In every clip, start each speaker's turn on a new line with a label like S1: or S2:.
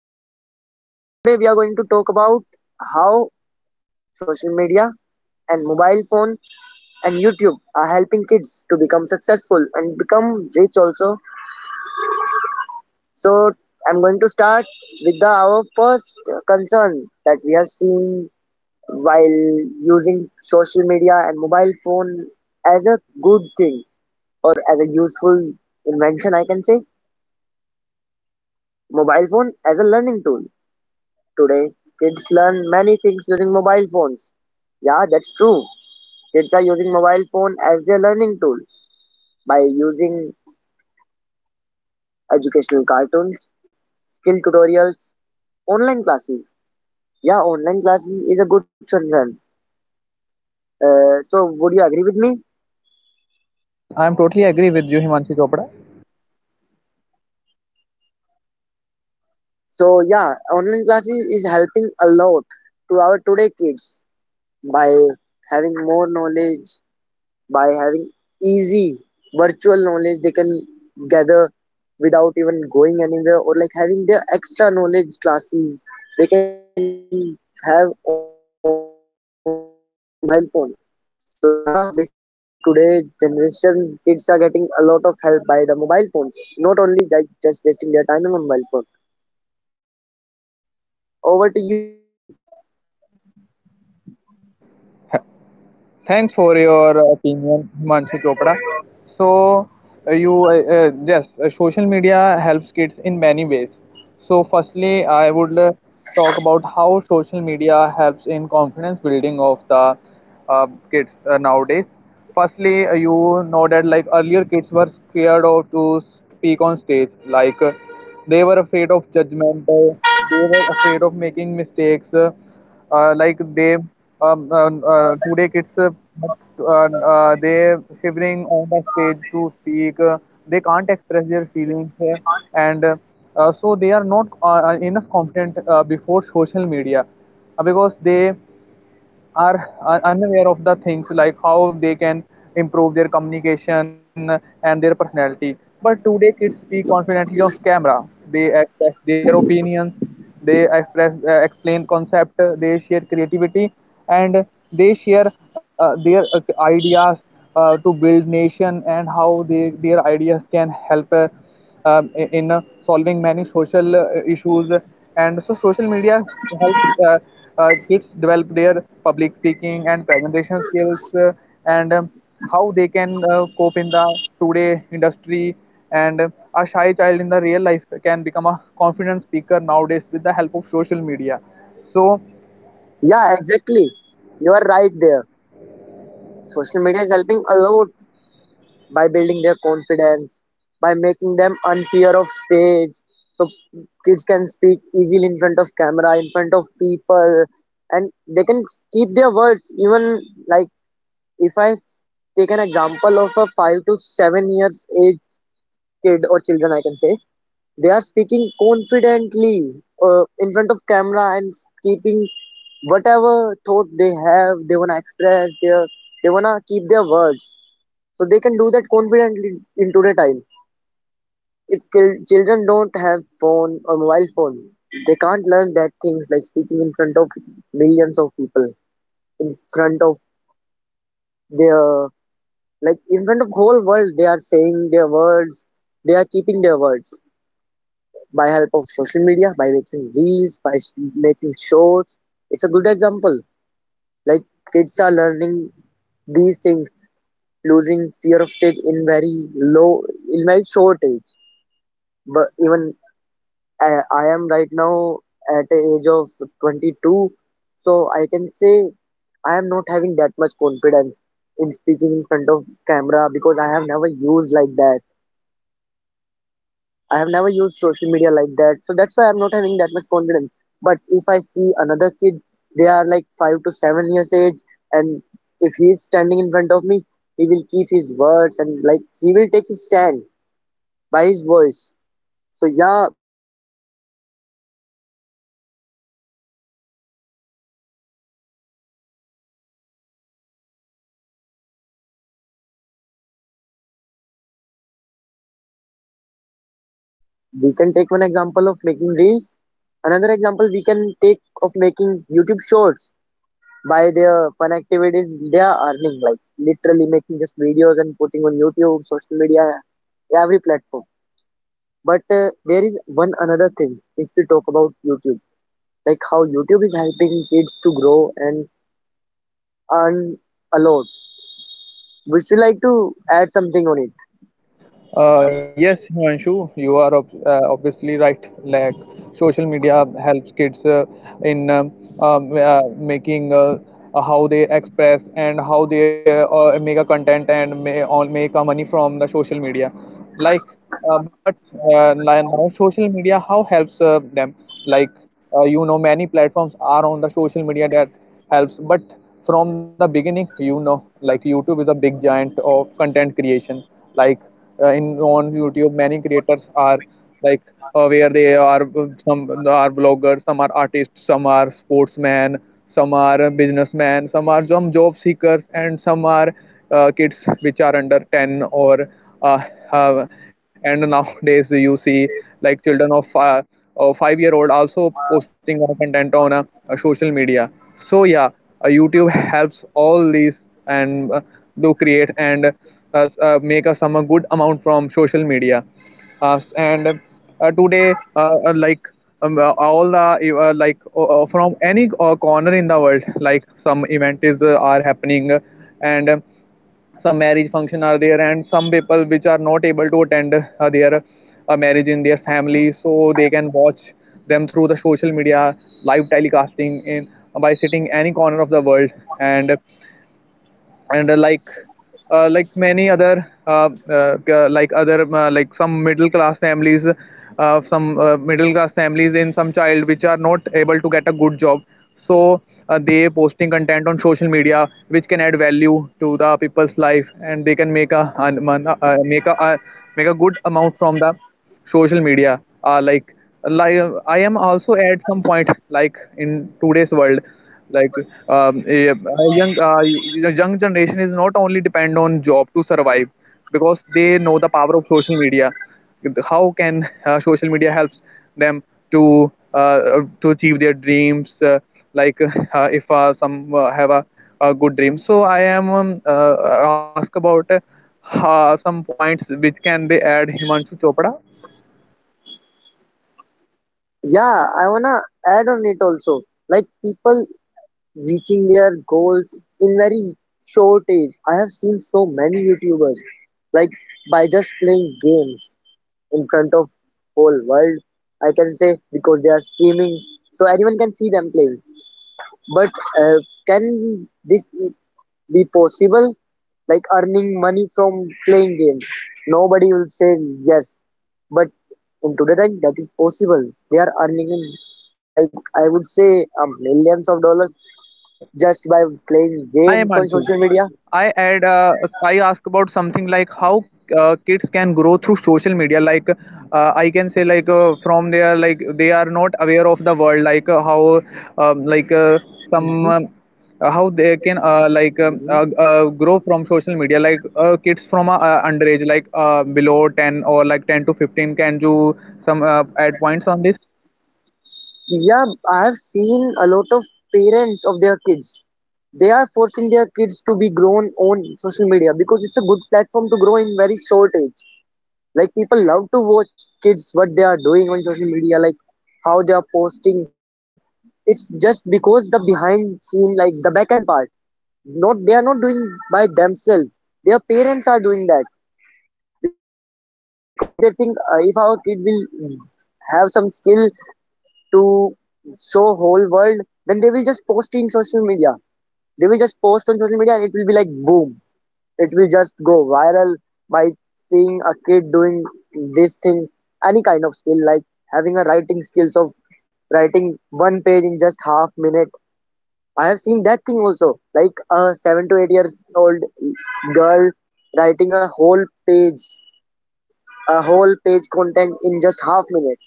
S1: podcast. So today we are going to talk about how social media and mobile phone and YouTube are helping kids to become successful and become rich also. So I'm going to start with the our first concern that we are seeing while using social media and mobile phone as a good thing or as a useful invention. I can say mobile phone as a learning tool. Today kids learn many things using mobile phones. Yeah, that's true. Kids are using mobile phone as their learning tool by using educational cartoons, skill tutorials, online classes. Yeah, online classes is a good concern. So would you agree with me?
S2: Yes, I am totally agree with you, Himanshu Chopra.
S1: So yeah, online classes is helping a lot to our today kids by having more knowledge, by having easy virtual knowledge they can gather without even going anywhere or like having their extra knowledge classes. They can have online classes by mobile phones. So yeah, basically in today's generation, kids are getting a lot of help by the mobile phones, not only like just wasting their time on mobile phone. Over to you.
S2: Thanks for your opinion, Himanshu Chopra. So, social media helps kids in many ways. So, firstly, I would talk about how social media helps in confidence building of the kids nowadays. Firstly, you know that like earlier kids were scared of to speak on stage, like they were afraid of judgment, they were afraid of making mistakes. Like they today kids they shivering on the stage to speak, they can't express their feelings, and so they are not enough confident before social media, because they are unaware of the things like how they can improve their communication and their personality. But today, kids speak confidently on camera. They express their opinions. They express explain concept. They share creativity, and they share their ideas to build nation, and how their ideas can help. Um, in solving many social issues. And so social media helps kids develop their public speaking and presentation skills, and how they can cope in the today industry. And a shy child in the real life can become a confident speaker nowadays with the help of social media, so.
S1: Yeah, exactly. You are right there. Social media is helping a lot by building their confidence, by making them unfair of stage. So kids can speak easily in front of camera, in front of people, and they can keep their words. Even like if I take an example of a 5 to 7 years age kid or children, I can say they are speaking confidently in front of camera and keeping whatever thought they have, they wanna express their, they wanna keep their words. So they can do that confidently in today time. If children don't have phone or mobile phone, they can't learn that things like speaking in front of millions of people, in front of their, like in front of whole world. They are saying their words. They are keeping their words, by help of social media, by making reels, by making shorts. It's a good example. Like kids are learning these things, losing fear of stage in very low, in very short age. But even I am right now at the age of 22, so I can say I am not having that much confidence in speaking in front of camera because I have never used like that. I have never used social media like that. So that's why I'm not having that much confidence. But if I see another kid, they are like 5 to 7 years age, and if he is standing in front of me, he will keep his words and like he will take his stand by his voice. So yeah, building their confidence, social media is helping a lot. We have other concerns also about the social media helping kids to earn also. We can take one example of making reels. Another example we can take of making YouTube shorts. By their fun activities they are earning, like literally making just videos and putting on YouTube, social media, every platform. But there is one another thing if we talk about YouTube, like how YouTube is helping kids to grow and earn a lot. Would you like to add something on it?
S2: Yes, Himanshu, you are obviously right. Like social media helps kids in making how they express, and how they make a content, and may all make a money from the social media. Like, but now, social media how helps them? Like, many platforms are on the social media that helps, but from the beginning, like YouTube is a big giant of content creation. Like, in on YouTube many creators are, like, where they are, some are vloggers, some are artists, some are sportsmen, some are businessmen, some are, some job seekers, and some are kids which are under 10, or uh, have, and nowadays you see like children of 5-year-old also posting on content on social media. So yeah, YouTube helps all these, and do create, and make us some a good amount from social media. And Today, all the, from any corner in the world, like some event is are happening, and some marriage function are there, and some people which are not able to attend their marriage in their family, so they can watch them through the social media live telecasting, in by sitting any corner of the world. And like, many other, like some middle class families, some middle class families, in some child which are not able to get a good job, so they posting content on social media which can add value to the people's life, and they can make a an- make a make a good amount from the social media. Like, like I am also at some point, like in today's world. Like, a, a young generation is not only depend on job to survive, because they know the power of social media, how can social media helps them to achieve their dreams. Like, if some have a good dream, so I am ask about some points which can be add, Himanshu Chopra.
S1: Yeah, I wanna add on it also. Like people reaching their goals in very short age. I have seen so many YouTubers like by just playing games in front of whole world. I can say because they are streaming, so anyone can see them playing. But uh, can this be possible? Like earning money from playing games? Nobody will say yes. But in today time that is possible. They are earning in, like I would say millions of dollars just by playing
S2: Hi,
S1: games on
S2: Himanshu.
S1: social media.
S2: I had I asked about something like how kids can grow through social media. Like, I can say, like, from there, like they are not aware of the world. Like, how, some, how they can, grow from social media. Like, kids from underage, like below 10, or like 10 to 15, can do some add points on this.
S1: Yeah, I have seen a lot of parents of their kids. They are forcing their kids to be grown on social media because it's a good platform to grow in very short age. Like people love to watch kids what they are doing on social media, like how they are posting. It's just because the behind scene, like the back end part, not they are not doing by themselves. Their parents are doing that because they think, if our kid will have some skill to show whole world, then they will just post in social media. They will just post on social media and it will be like boom. It will just go viral by seeing a kid doing this thing, any kind of skill like having a writing skills of writing one page in just half minute. I have seen that thing also, like a 7 to 8 years old girl writing a whole page content in just half minute.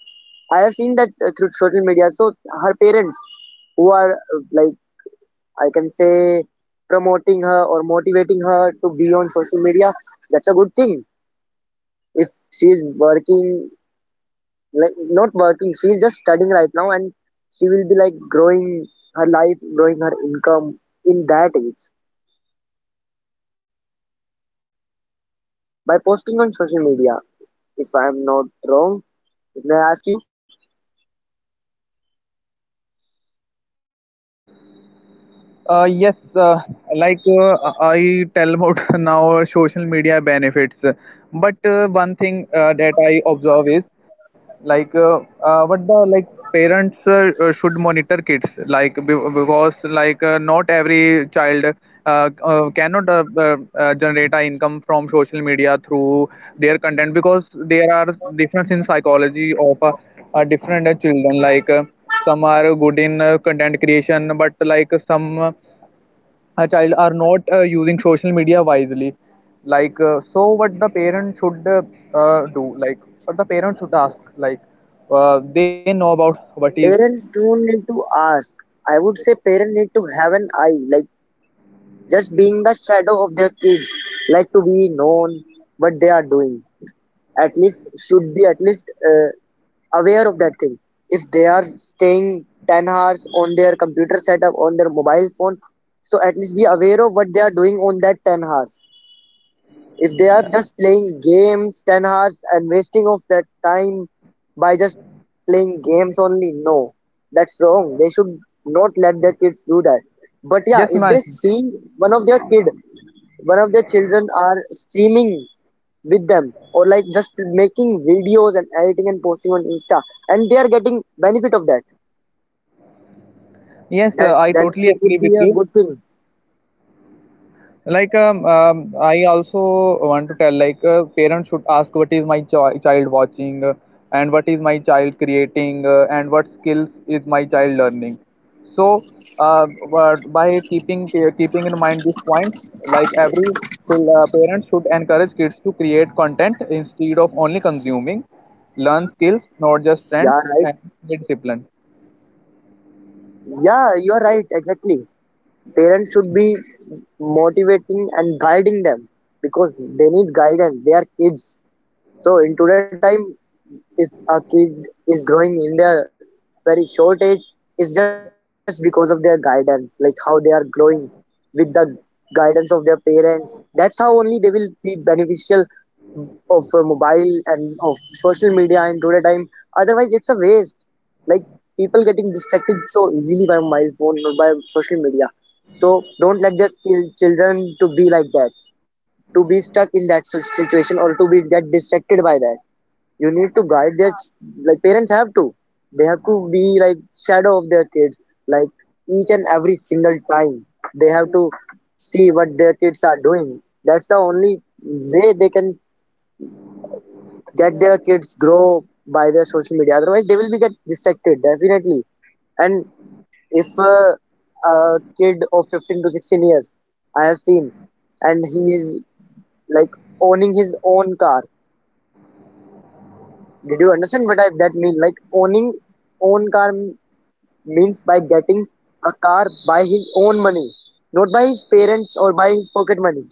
S1: I have seen that through social media. So her parents, who are like I can say promoting her or motivating her to be on social media, that's a good thing. If she is working, like not working, she is just studying right now, and she will be like growing her life, growing her income in that age by posting on social media. If I am not wrong, may I ask you?
S2: Yes, like, I tell about now social media benefits, but one thing that I observe is, like, what the, like parents should monitor kids, like because like, not every child cannot generate a income from social media through their content, because there are difference in psychology of different children, like. Some are good in content creation, but like some child are not using social media wisely. Like, so what the parent should do, like what the parent should ask, like they know about what is.
S1: Parents don't need to ask. I would say parents need to have an eye, like just being the shadow of their kids, like to be known what they are doing. At least should be at least uh, aware of that thing. If they are staying 10 hours on their computer setup on their mobile phone, so at least be aware of what they are doing on that 10 hours. If they are just playing games 10 hours and wasting of that time by just playing games only, no, that's wrong. They should not let their kids do that. But yeah,
S2: Yes,
S1: if
S2: ma'am.
S1: they see one of their kid, one of their children are streaming with them or like just making videos and editing and posting on Insta, and they are getting benefit of that.
S2: Yes,
S1: That
S2: I
S1: then
S2: totally
S1: it would
S2: agree with
S1: be a
S2: you.
S1: good thing.
S2: Like, I also want to tell, like parents should ask, what is my child watching, and what is my child creating, and what skills is my child learning. So, but by keeping in mind these points, like every parent should encourage kids to create content instead of only consuming, learn skills, not just trends,
S1: Yeah, right.
S2: and discipline.
S1: Yeah, you are right. Exactly. Parents should be motivating and guiding them because they need guidance. They are kids. So in today time, if a kid is growing in their very short age, it's just because of their guidance, like how they are growing with the guidance of their parents. That's how only they will be beneficial of mobile and of social media in today time. Otherwise, it's a waste. Like people getting distracted so easily by mobile phone or by social media. So don't let the children to be like that, to be stuck in that such situation or to be get distracted by that. You need to guide their like parents have to, they have to be like shadow of their kids, like each and every single time they have to see what their kids are doing. That's the only way they can get their kids grow by their social media. Otherwise they will be get distracted definitely. And if a kid of 15 to 16 years, I have seen, and he is like owning his own car. Did you understand what I, that mean, like owning own car means by getting a car by his own money, not by his parents or by his pocket money.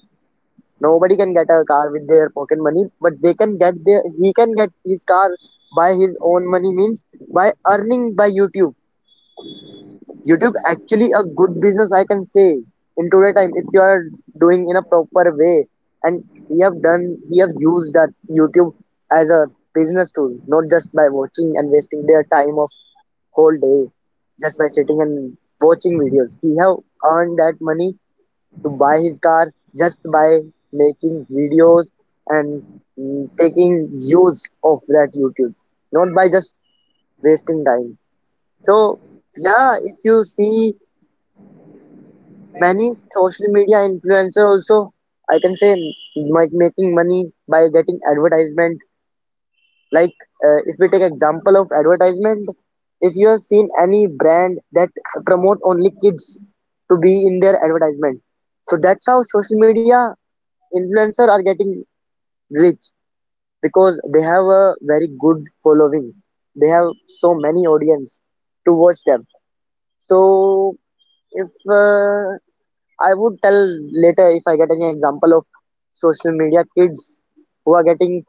S1: Nobody can get a car with their pocket money, but they can get their, he can get his car by his own money means by earning by YouTube. YouTube actually a good business I can say in today time if you are doing in a proper way, and we have done, we have used that YouTube as a business tool, not just by watching and wasting their time of whole day just by sitting and watching videos. He have earned that money to buy his car just by making videos and taking use of that YouTube, not by just wasting time. So yeah, if you see many social media influencer also, I can say like making money by getting advertisement. Like if we take example of advertisement, if you have seen any brand that promote only kids to be in their advertisement, so that's how social media influencer are getting rich because they have a very good following. They have so many audience to watch them. So if I would tell later if I get any example of social media kids who are getting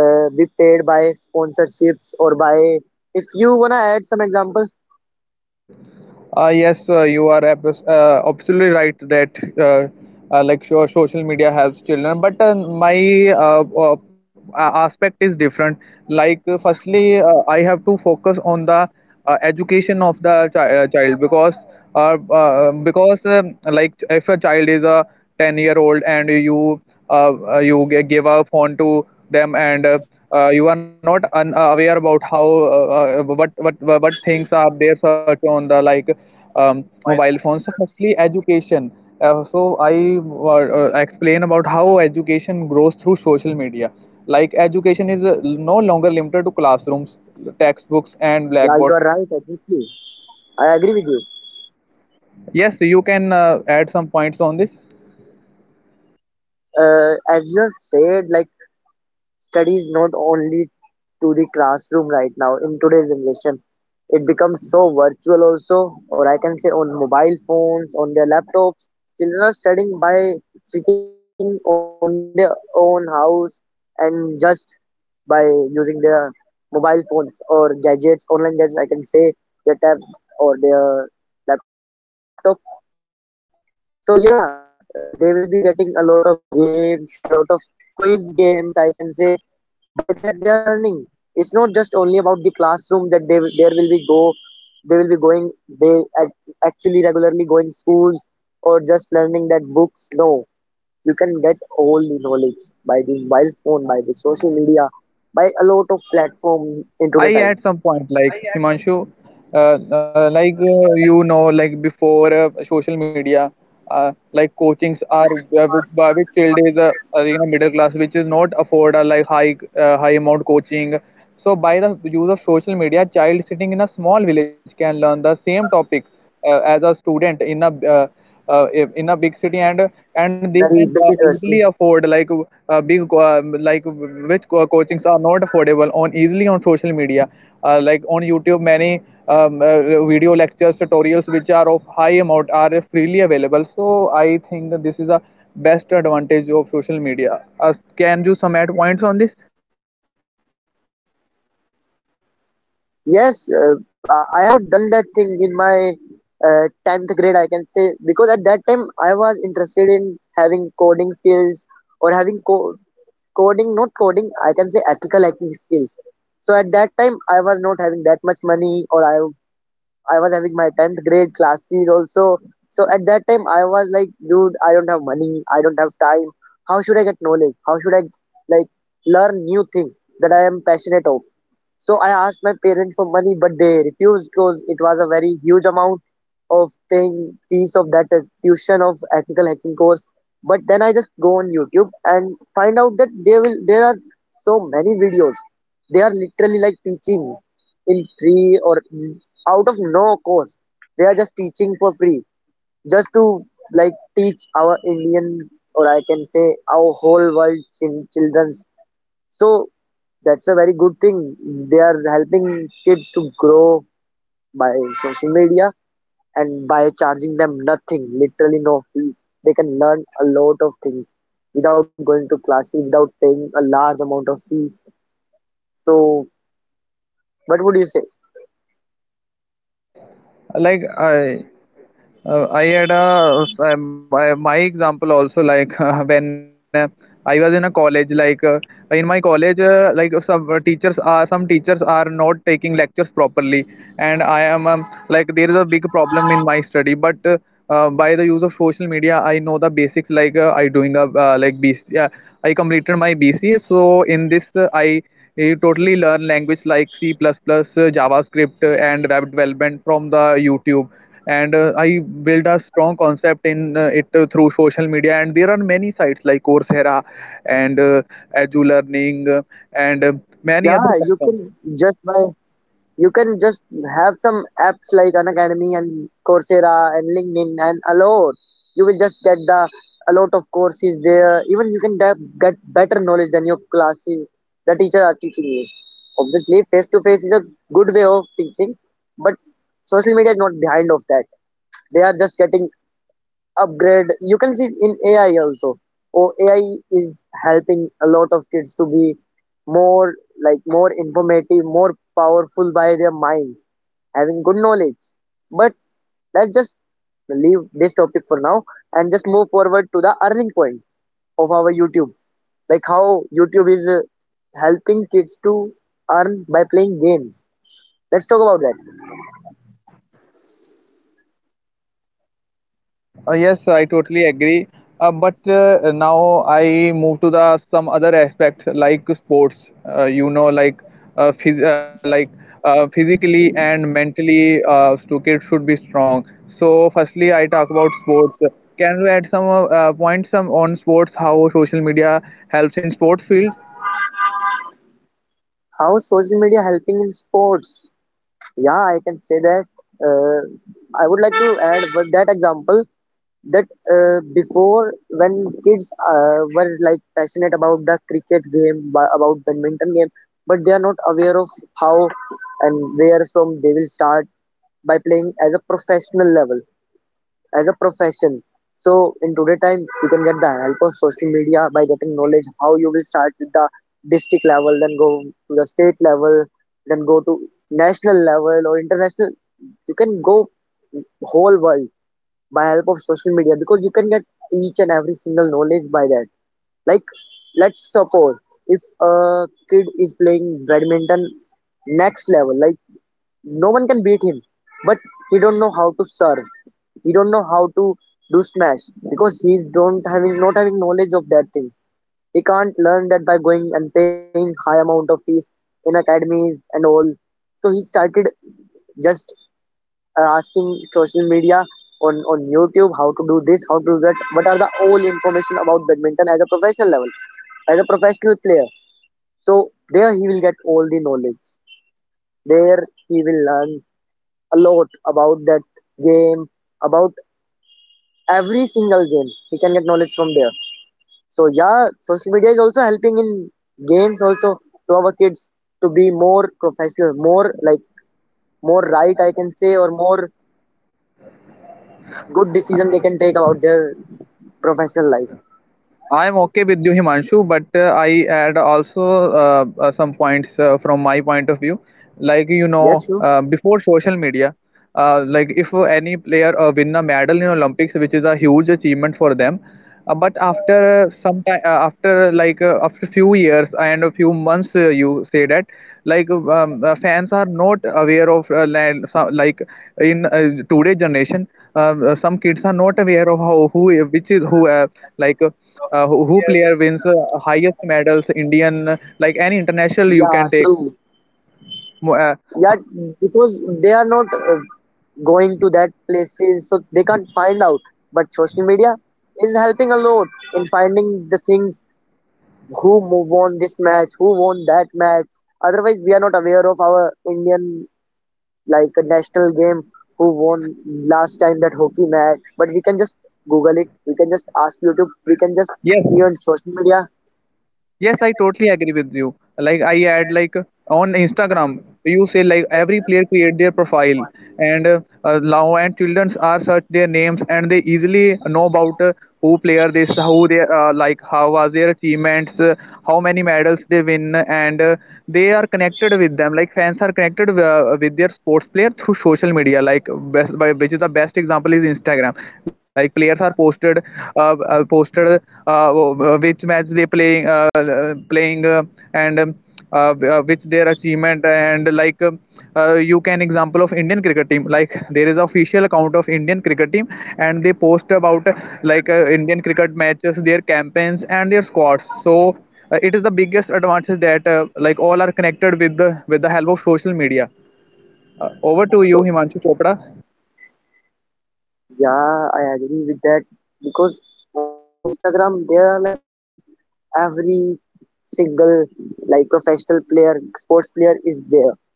S1: be paid by sponsorships or by. If you wanna add some example,
S2: Yes, you are absolutely right that like sure, social media helps children, but my a- aspect is different. Like, firstly, I have to focus on the education of the child, because like if a child is a 10-year-old and you, you give a phone to them, and you are not aware about how, what, what things are their search on the, like mobile phones. So, firstly, education. So, I explain about how education grows through social media. Like, education is no longer limited to classrooms, textbooks, and
S1: yeah, you
S2: blackboards.
S1: are right. Exactly, I agree with you.
S2: Yes, you can add some points on this.
S1: As you have said, like study is not only to the classroom right now in today's generation. It becomes so virtual also, or I can say on mobile phones, on their laptops. Children are studying by sitting on their own house and just by using their mobile phones or gadgets, online gadgets, I can say their tab or their laptop. So yeah, they will be getting a lot of games, a lot of quiz games, I can say. By that they are learning. It's not just only about the classroom that there will be go, they will be going, they actually regularly going schools or just learning that books. No, you can get all the knowledge by the mobile phone, by the social media, by a lot of platform into the
S2: I at
S1: time.
S2: some point, like Himanshu, like you know, like before social media, like coachings are, with, with child is, you know, middle class which is not afford a, like, high high amount coaching. So by the use of social media, child sitting in a small village can learn the same topic as a student in a, uh, in a big city, and they can
S1: Very big
S2: easily
S1: university.
S2: afford, like big, like which coachings are not affordable on easily on social media. Like, on YouTube, many video lectures tutorials which are of high amount are freely available, so I think that this is a best advantage of social media. Can you some add points on this?
S1: Yes, I have also done that thing in my 10th grade, I can say, because at that time I was interested in having coding skills or coding, not coding, I can say ethical hacking skills. So at that time I was not having that much money, or I was having my 10th grade classes also. So at that time, I was like, dude, I don't have money. I don't have time. How should I get knowledge? How should I like learn new things that I am passionate of? So I asked my parents for money, but they refused because it was a very huge amount of paying fees of that tuition of ethical hacking course. But then I just go on YouTube and find out that they will there are so many videos. They are literally like teaching in free or out of no course. They are just teaching for free, just to like teach our Indian, or I can say our whole world childrens. So that's a very good thing. They are helping kids to grow by social media and by charging them nothing, literally no fees. They can learn a lot of things without going to classes, without paying a large amount of fees. So, what would you say?
S2: like i I had a my example also, like when I was in a college. Like, in my college, like some teachers are, some teachers are not taking lectures properly, and I am, like there is a big problem in my study. But by the use of social media, I know the basics, like I doing a, like BC, I completed my BCA. So in this, I, you totally learn language like C++, JavaScript, and web development from the YouTube. And I built a strong concept in it through social media. And there are many sites like Coursera, and Edge Learning, and
S1: Yeah,
S2: many other platforms.
S1: you can just have some apps like Unacademy and Coursera and LinkedIn and a lot. You will just get the a lot of courses there. Even you can get better knowledge than your classes the teacher are teaching you. Obviously, face to face is a good way of teaching, but social media is not behind of that. They are just getting upgrade. You can see in AI also. Oh, AI is helping a lot of kids to be more like more informative, more powerful by their mind having good knowledge. But let's just leave this topic for now and just move forward to the earning point of our YouTube. Like how YouTube is helping kids to earn by playing games. Let's talk about that.
S2: Yes, I totally agree. But now I move to the some other aspect, like sports. You know, like like physically and mentally, so kids should be strong. So, firstly, I talk about sports. Can you add some points some on sports? How social media helps in sports field?
S1: How social media helping in sports? Yeah, I can say that. I would like to add with that example that before when kids were like passionate about the cricket game about badminton game, but they are not aware of how and where from they will start by playing as a professional level, as a profession. So in today time you can get the help of social media by getting knowledge how you will start with the district level, then go to the state level, then go to national level or international. You can go whole world by help of social media, because you can get each and every single knowledge by that. Like, let's suppose if a kid is playing badminton next level, like no one can beat him, but he don't know how to serve, he don't know how to do smash, because he's don't having not having knowledge of that thing. He can't learn that by going and paying high amount of fees in academies and all. So he started just asking social media on YouTube how to do this, how to do that, what are the all information about badminton as a professional level, as a professional player. So there he will get all the knowledge. There he will learn a lot about that game, about every single game. He can get knowledge from there. So yeah, social media is also helping in games also to our kids to be more professional, more like more right I can say, or more good decision they can take about their professional life.
S2: I'm okay with you, Himanshu, but I add also some points from my point of view. Like, you
S1: Yes,
S2: know,
S1: true.
S2: before social media, like if any player win a medal in Olympics, which is a huge achievement for them, but after some time, after like after few years and a few months, you say that, like fans are not aware of, like in today generation, some kids are not aware of how, who, which is who, like. Who player wins highest medals? Indian, like any international you
S1: Yeah,
S2: can take.
S1: true.
S2: Mo- Uh,
S1: Yeah,
S2: h-
S1: because they are not going to that places, so they can't find out. But social media is helping a lot in finding the things who won this match, who won that match. Otherwise, we are not aware of our Indian like national game who won last time that hockey match. But we can just Google it. We can just ask YouTube. We can just
S2: yes,
S1: see on social media.
S2: Yes, I totally agree with you. Like I add like on Instagram, you say like every player create their profile, and now and children are search their names and they easily know about who player this, who they like, how was their achievements, how many medals they win, and they are connected with them. Like fans are connected with their sports player through social media. Like which is the best example is Instagram. Like players are posted which match they playing and which their achievement and like you can example of indian cricket team like there is official account of indian cricket team and they post about like indian cricket matches their campaigns and their squads so it is the biggest advantage that like all are connected with the help of social media over to you
S1: So
S2: himanshu chopra.
S1: yeah, I agree with that, because on Instagram there are like every single like professional player, sports player is there.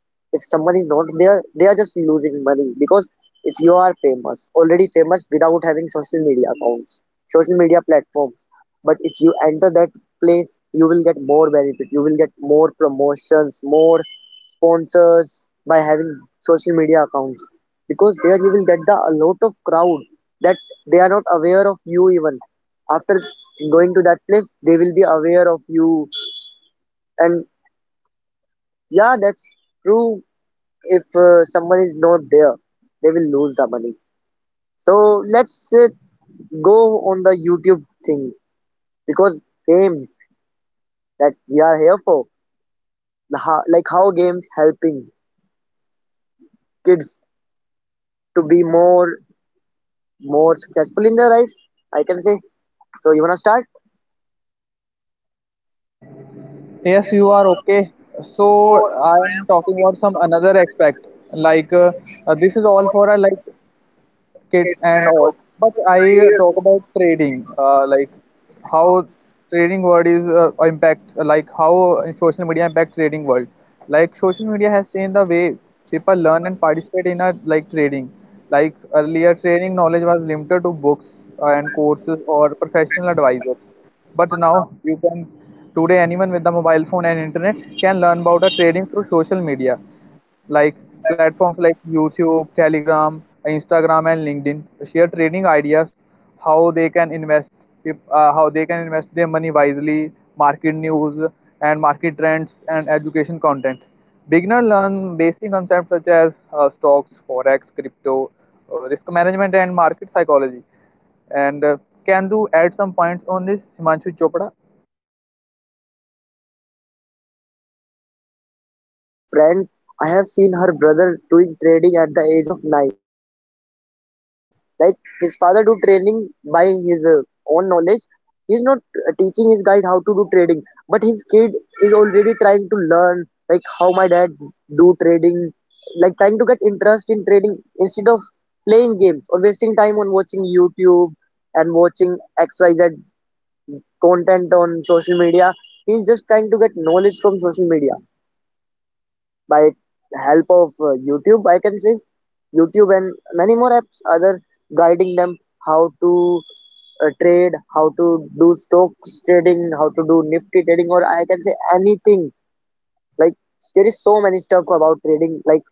S1: If someone is not there they are just losing money, because if you are famous, already famous without having social media accounts, social media platforms, but if you enter that place you will get more benefit, you will get more promotions, more sponsors by having social media accounts, because there you will get the a lot of crowd that they are not aware of you. Even after going to that place they will be aware of you. And yeah, that's true. If someone is not there, they will lose the money. So let's go on the YouTube thing, because games that we are here for, the like how games helping kids to be more successful in their life, I can say. So you wanna start?
S2: Yes, you are okay. So I am talking about some another aspect. Like this is all for like kids and all. But I talk about trading. Like how trading world is impact. Like how social media impact trading world. Like social media has changed the way people learn and participate in a like trading. Like earlier, trading knowledge was limited to books and courses or professional advisors, but now you can today anyone with the mobile phone and internet can learn about the trading through social media like platforms like YouTube, Telegram, Instagram and LinkedIn share trading ideas how they can invest if, how they can invest their money wisely, market news and market trends and education content. Beginner learn basic concepts such as stocks, forex, crypto, risk management and market psychology, and can you add some points on this, Himanshu Chopra?
S1: Yes, if you see, there are one of my friend, I have seen her brother doing trading at the age of 9, like his father do trading by his own knowledge. He's not teaching his guide how to do trading, but his kid is already trying to learn like how my dad do trading, like trying to get interest in trading instead of playing games or wasting time on watching YouTube and watching xyz content on social media. He's just trying to get knowledge from social media by help of YouTube, I can say. YouTube and many more apps other guiding them how to trade, how to do stocks trading, how to do Nifty trading, or I can say anything. Like there is so many stuff about trading, like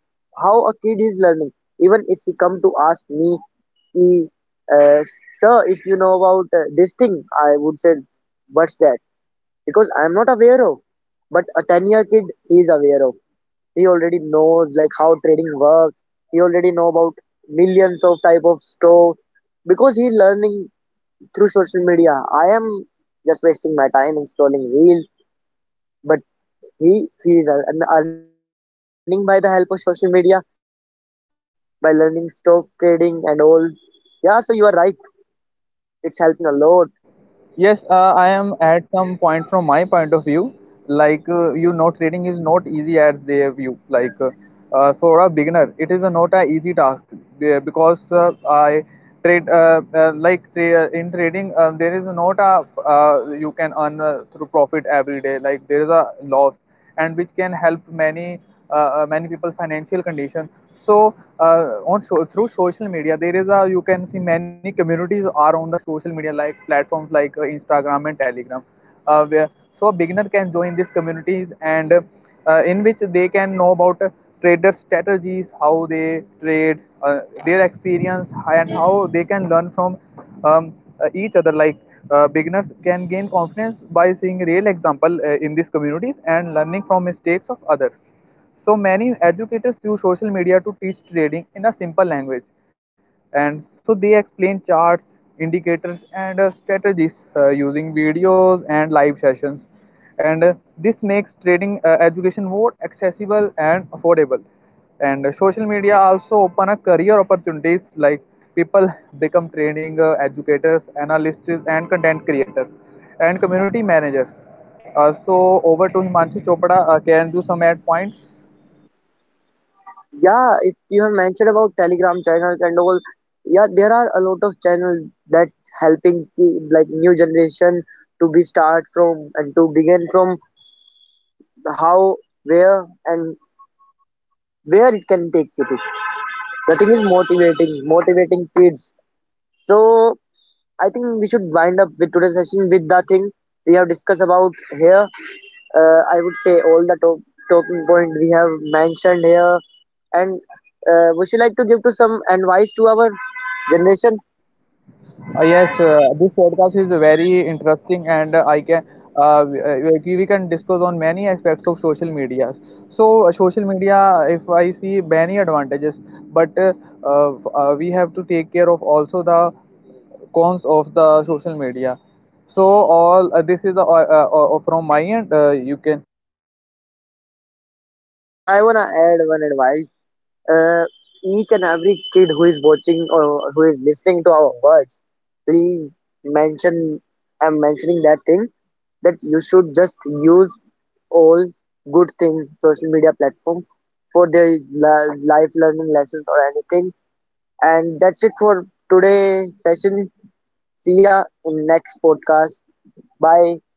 S1: how a kid is learning. Even if he come to ask me, he, uh, sir, if you know about this thing, I would say, what's that? Because I'm not aware of. But a 10 year kid is aware of, he already knows like how trading works, he already know about millions of type of stocks because he's learning through social media. I am just wasting my time in scrolling reels, but he he is earning by the help of social media by learning stock trading and all. Yeah, so you are right, it's helping a lot.
S2: Yes, I am at some point from my point of view. Like you know, trading is not easy as they view. Like for a beginner, it is a not a easy task because I trade like in trading there is not a you can earn through profit every day. Like there is a loss, and which can help many many people financial condition, so uh, through social media there is a you can see many communities are on the social media like platforms like instagram and telegram, where so a beginner can join these communities and in which they can know about trader strategies, how they trade, their experience, and how they can learn from um, each other. Like beginners can gain confidence by seeing real example in these communities and learning from mistakes of others. So many educators use social media to teach trading in a simple language, and so they explain charts, indicators, and strategies using videos and live sessions, and this makes trading education more accessible and affordable. And social media also open a career opportunities like people become training educators, analysts, and content creators, and community managers. So over to Himanshu Chopra. Can do some add points?
S1: Yeah, if you have mentioned about Telegram channels and all, yeah, there are a lot of channels that helping like new generation to be start from and to begin from how, where, and where it can take you to. The thing is motivating, motivating kids. So I think we should wind up with today's session with the thing we have discussed about here. I would say all talking point we have mentioned here, and would you like to give to some advice to our generation?
S2: Yes, this podcast is very interesting, and I can uh, we, uh, we can discuss on many aspects of social media. So, social media, if I see many advantages, but we have to take care of also the cons of the social media. So, all this is from my end. You can
S1: Yeah, I wanna add one advice. uh, each and every kid who is watching or who is listening to our words, please mention. I'm mentioning that thing that you should just use all good thing social media platform for their life learning lessons or anything. And that's it for today session. See ya in next podcast. Bye.